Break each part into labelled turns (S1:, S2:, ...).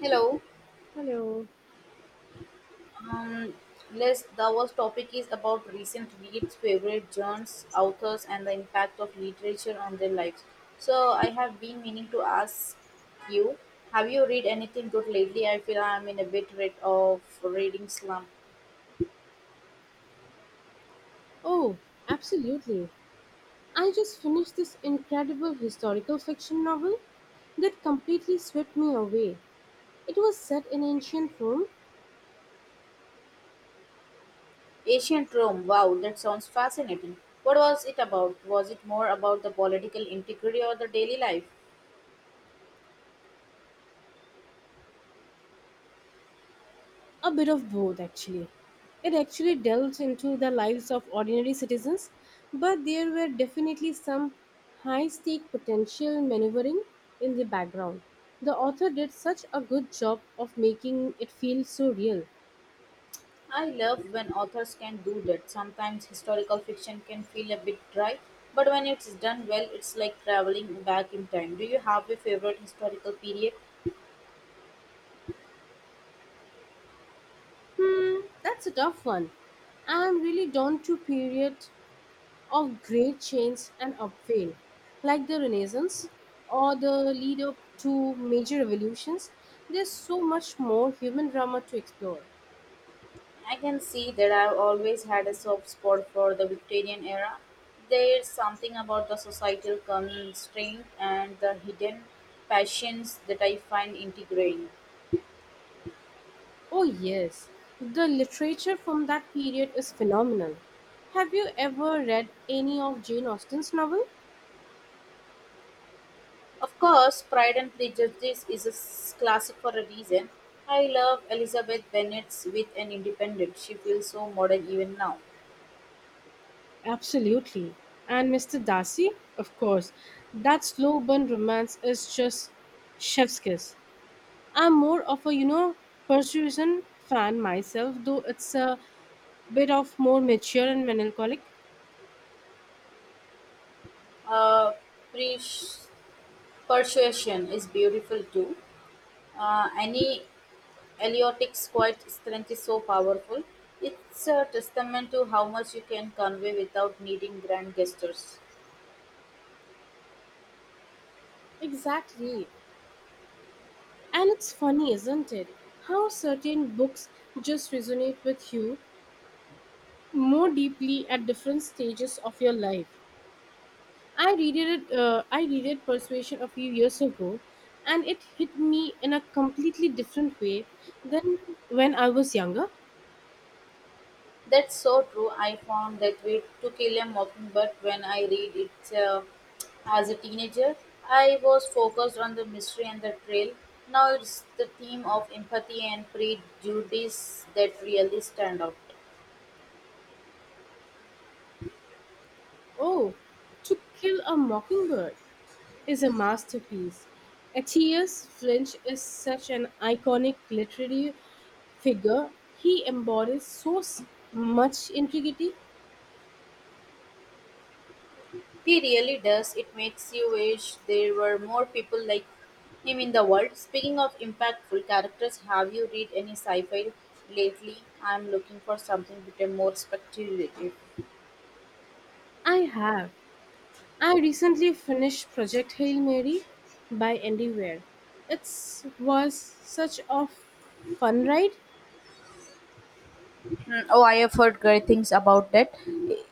S1: Hello.
S2: Hello.
S1: Um, Les, our topic is about recent reads, favorite genres, authors, and the impact of literature on their lives. So, I have been meaning to ask you, have you read anything good lately? I feel I am in a bit rid of reading slump.
S2: Oh, absolutely. I just finished this incredible historical fiction novel that completely swept me away. It was set in ancient Rome,
S1: Ancient Rome. Wow, that sounds fascinating. What was it about? Was it more about the political integrity or the daily life?
S2: a bit of both actually. It actually delves into the lives of ordinary citizens, but there were definitely some high stake potential maneuvering in the background. The author did such a good job of making it feel so real.
S1: I love when authors can do that. Sometimes historical fiction can feel a bit dry, but when it's done well, it's like traveling back in time. Do you have a favorite historical period?
S2: Hmm, that's a tough one. I'm really drawn to period of great chains and upheaval, like the Renaissance or the lead up to major revolutions, there's so much more human drama to explore.
S1: I can see that I've always had a soft spot for the Victorian era. There's something about the societal constraint and the hidden passions that I find integrating.
S2: Oh, yes, the literature from that period is phenomenal. Have you ever read any of Jane Austen's novel?
S1: Of course, Pride and Prejudice is a classic for a reason. I love Elizabeth Bennet's with an independent. She feels so modern even now.
S2: Absolutely. And Mr. Darcy? Of course. That slow burn romance is just chef's kiss. I'm more of a, you know, Persuasion fan myself, though it's a bit of more mature and melancholic.
S1: Uh, Pres- Persuasion is beautiful too. Annie Eliotic's quiet strength is so powerful. It's a testament to how much you can convey without needing grand gestures.
S2: Exactly. And it's funny, isn't it? How certain books just resonate with you more deeply at different stages of your life. I read it Persuasion a few years ago and it hit me in a completely different way than when I was younger.
S1: That's so true. I found that way to kill a mockingbird when I read it as a teenager. I was focused on the mystery and the thrill. Now it's the theme of empathy and prejudice that really stand out.
S2: Oh, To Kill a Mockingbird is a masterpiece. Atticus Finch is such an iconic literary figure he embodies much integrity.
S1: He really does. It makes you wish there were more people like him in the world. Speaking of impactful characters, have you read any sci fi lately? I'm looking for something a bit more speculative.
S2: I have. I recently finished Project Hail Mary by Andy Weir. It was such a fun ride.
S1: Oh, I have heard great things about that.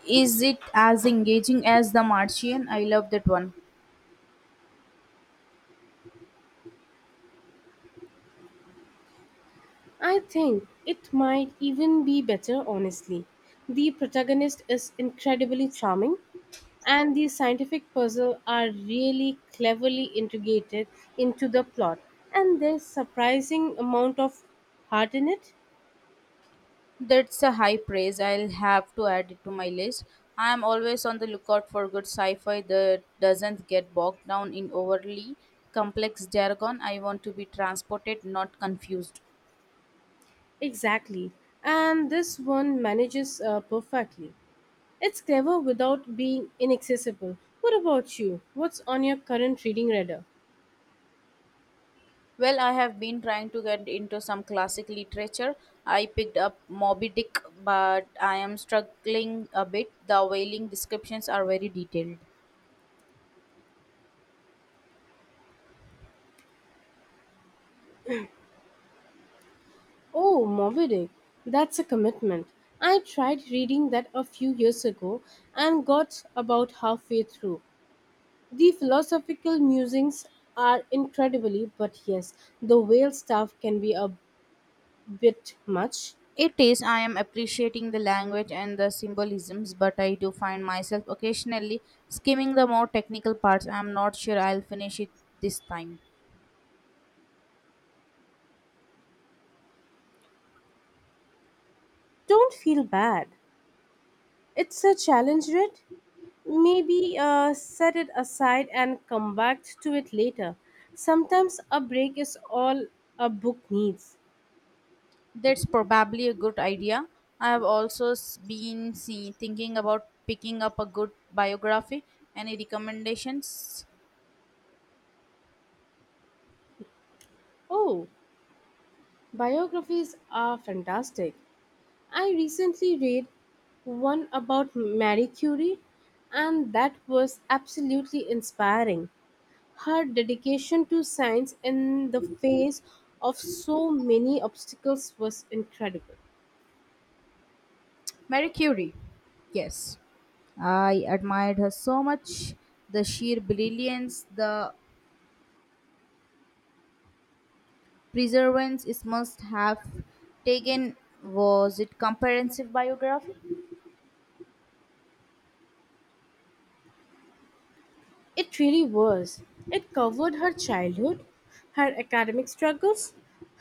S1: Is it as engaging as The Martian? I love that one.
S2: I think it might even be better, honestly. The protagonist is incredibly charming, and the scientific puzzle are really cleverly integrated into the plot, and there's surprising amount of heart in it.
S1: That's a high praise. I'll have to add it to my list. I am always on the lookout for good sci fi that doesn't get bogged down in overly complex jargon. I want to be transported, not confused.
S2: Exactly. And this one manages perfectly. It's clever without being inaccessible. What about you? What's on your current reading radar?
S1: Well, I have been trying to get into some classic literature. I picked up Moby Dick, but I am struggling a bit. The whaling descriptions are very detailed.
S2: Oh, Moby Dick. That's a commitment. I tried reading that a few years ago and got about halfway through. The philosophical musings are incredibly, but yes, the whale stuff can be a bit much.
S1: It is, I am appreciating the language and the symbolisms, but I do find myself occasionally skimming the more technical parts. I am not sure I'll finish it this time.
S2: Don't feel bad. It's a challenge, Red. Maybe set it aside and come back to it later. Sometimes a break is all a book needs.
S1: That's probably a good idea. I have also thinking about picking up a good biography. Any recommendations?
S2: Oh, biographies are fantastic. I recently read one about Marie Curie, and that was absolutely inspiring. Her dedication to science in the face of so many obstacles was incredible.
S1: Mary Curie. Yes. I admired her so much. The sheer brilliance, the Preservance is must have taken, was it comprehensive biography?
S2: It really was. It covered her childhood, her academic struggles,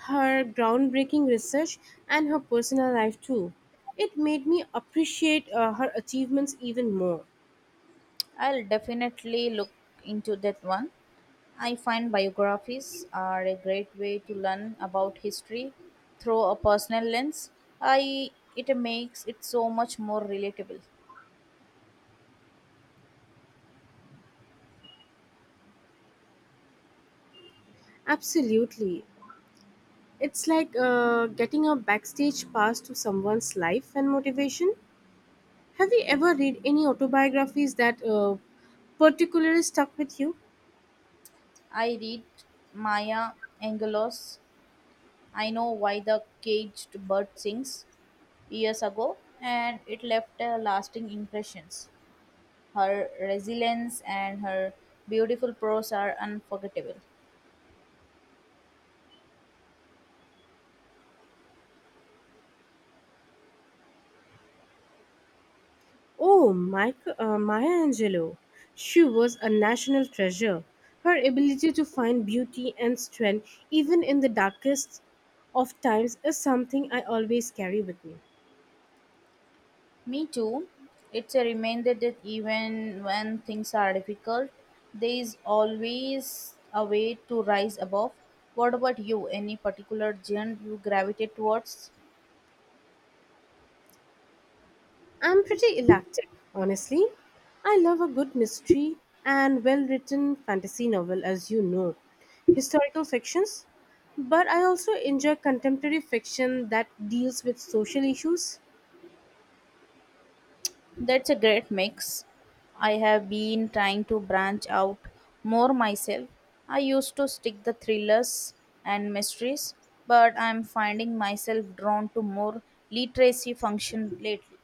S2: her groundbreaking research, and her personal life too. It made me appreciate her achievements even more.
S1: I'll definitely look into that one. I find biographies are a great way to learn about history through a personal lens. I It makes it so much more relatable.
S2: Absolutely. It's like getting a backstage pass to someone's life and motivation. Have you ever read any autobiographies that particularly stuck with you?
S1: I read Maya Angelos. I know why the caged bird sings years ago, and it left a lasting impressions. Her resilience and her beautiful prose are unforgettable.
S2: Oh, Maya Angelou. She was a national treasure. Her ability to find beauty and strength, even in the darkest of times, is something I always carry with me.
S1: Me too. It's a reminder that even when things are difficult, there is always a way to rise above. What about you? Any particular genre you gravitate towards?
S2: I'm pretty eclectic, honestly. I love a good mystery and well written fantasy novel, as you know, historical fictions. But I also enjoy contemporary fiction that deals with social issues.
S1: That's a great mix. I have been trying to branch out more myself. I used to stick the thrillers and mysteries, but I'm finding myself drawn to more literacy function lately.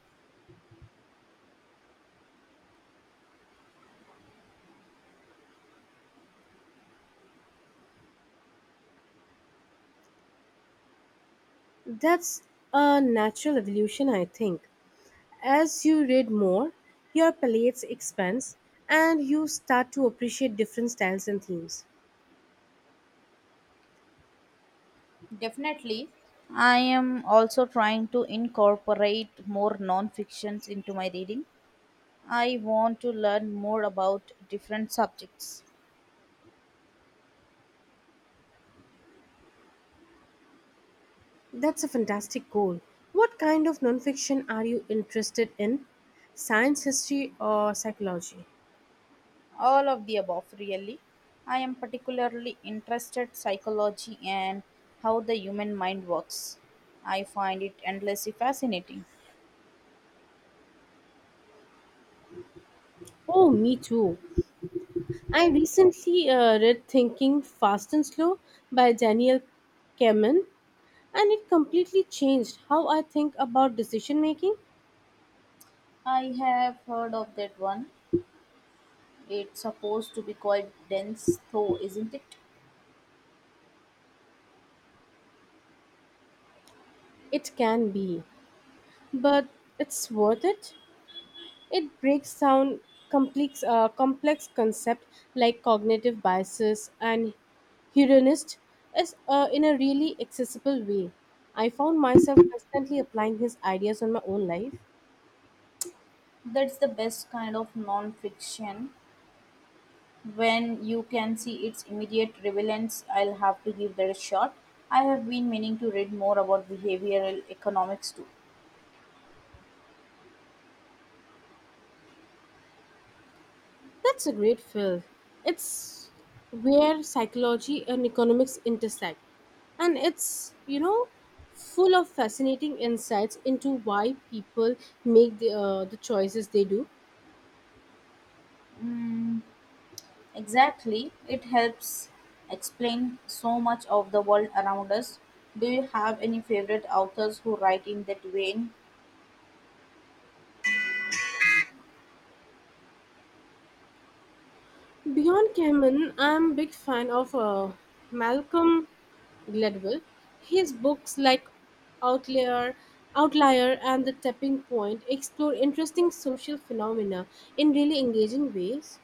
S2: That's a natural evolution, I think. As you read more, your palette expands and you start to appreciate different styles and themes.
S1: Definitely, I am also trying to incorporate more non-fictions into my reading. I want to learn more about different subjects.
S2: That's a fantastic goal. What kind of nonfiction are you interested in? Science, history, or psychology?
S1: All of the above, really. I am particularly interested psychology and how the human mind works. I find it endlessly fascinating.
S2: Oh, me too. I recently read Thinking Fast and Slow by Daniel Kahneman, and it completely changed how I think about decision making.
S1: I have heard of that one. It's supposed to be quite dense, though, isn't it?
S2: It can be, but it's worth it. It breaks down complex concepts like cognitive biases and hedonism is, in a really accessible way. I found myself constantly applying his ideas on my own life.
S1: That's the best kind of non-fiction. When you can see its immediate relevance, I'll have to give that a shot. I have been meaning to read more about behavioral economics too.
S2: That's a great field. It's where psychology and economics intersect. And it's, you know, full of fascinating insights into why people make the choices they do.
S1: Mm, Exactly. It helps explain so much of the world around us. Do you have any favorite authors who write in that vein?
S2: Beyond Kamen, I'm a big fan of Malcolm Gladwell. His books like Outlier, Outlier and The Tapping Point explore interesting social phenomena in really engaging ways.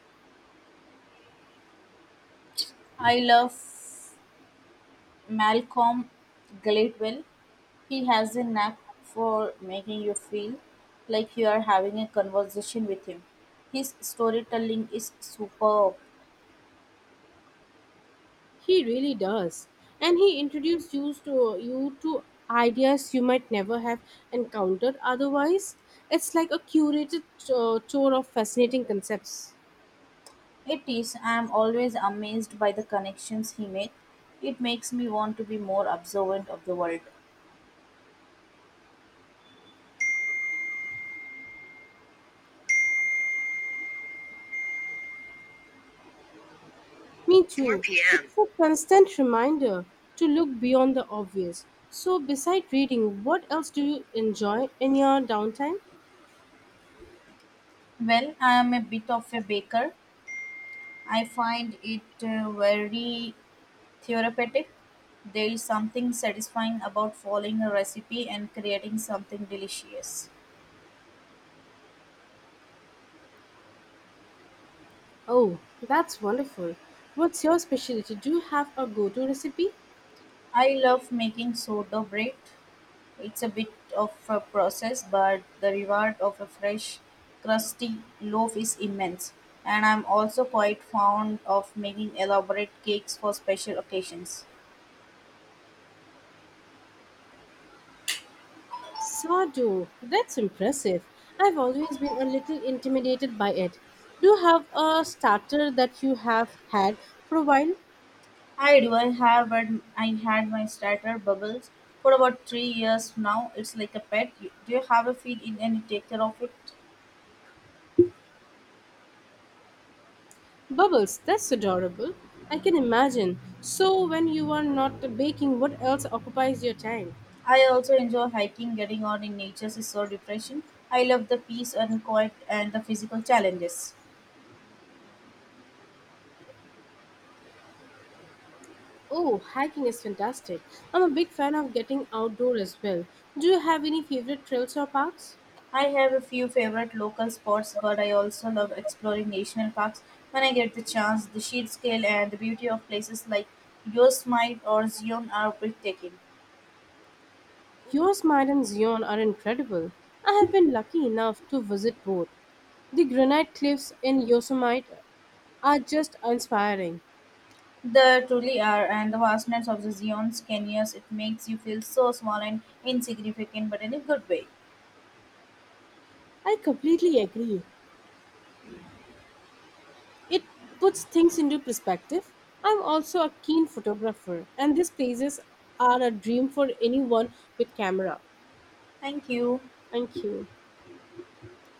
S1: I love Malcolm Gladwell. He has a knack for making you feel like you are having a conversation with him. His storytelling is superb.
S2: He really does. And he introduces you to ideas you might never have encountered otherwise. It's like a curated tour of fascinating concepts.
S1: It is. I am always amazed by the connections he makes. It makes me want to be more observant of the world.
S2: Me too.
S1: 4 p.m.
S2: It's a constant reminder to look beyond the obvious. So, beside reading, what else do you enjoy in your downtime?
S1: Well, I am a bit of a baker. I find it very therapeutic. There is something satisfying about following a recipe and creating something delicious.
S2: Oh, that's wonderful. What's your specialty? Do you have a go to recipe?
S1: I love making sourdough bread. It's a bit of a process, but the reward of a fresh, crusty loaf is immense. And I'm also quite fond of making elaborate cakes for special occasions.
S2: Sourdough. That's impressive. I've always been a little intimidated by it. Do you have a starter that you have had for a while?
S1: I do. I had my starter bubbles for about 3 years now. It's like a pet. You- Do you have a feed in and you take care of it?
S2: Bubbles. That's adorable. I can imagine. So, when you are not baking, what else occupies your time?
S1: I also enjoy hiking. Getting out in nature is so refreshing. I love the peace and quiet and the physical challenges.
S2: Oh, hiking is fantastic. I'm a big fan of getting outdoor as well. Do you have any favorite trails or parks?
S1: I have a few favorite local spots, but I also love exploring national parks when I get the chance. The sheer scale and the beauty of places like Yosemite or Zion are breathtaking.
S2: Yosemite and Zion are incredible. I have been lucky enough to visit both. The granite cliffs in Yosemite are just inspiring.
S1: They truly are, and the vastness of the Zion's canyons, it makes you feel so small and insignificant, but in a good way.
S2: I completely agree. It puts things into perspective. I'm also a keen photographer, and these places are a dream for anyone with camera.
S1: Thank you.
S2: Thank you.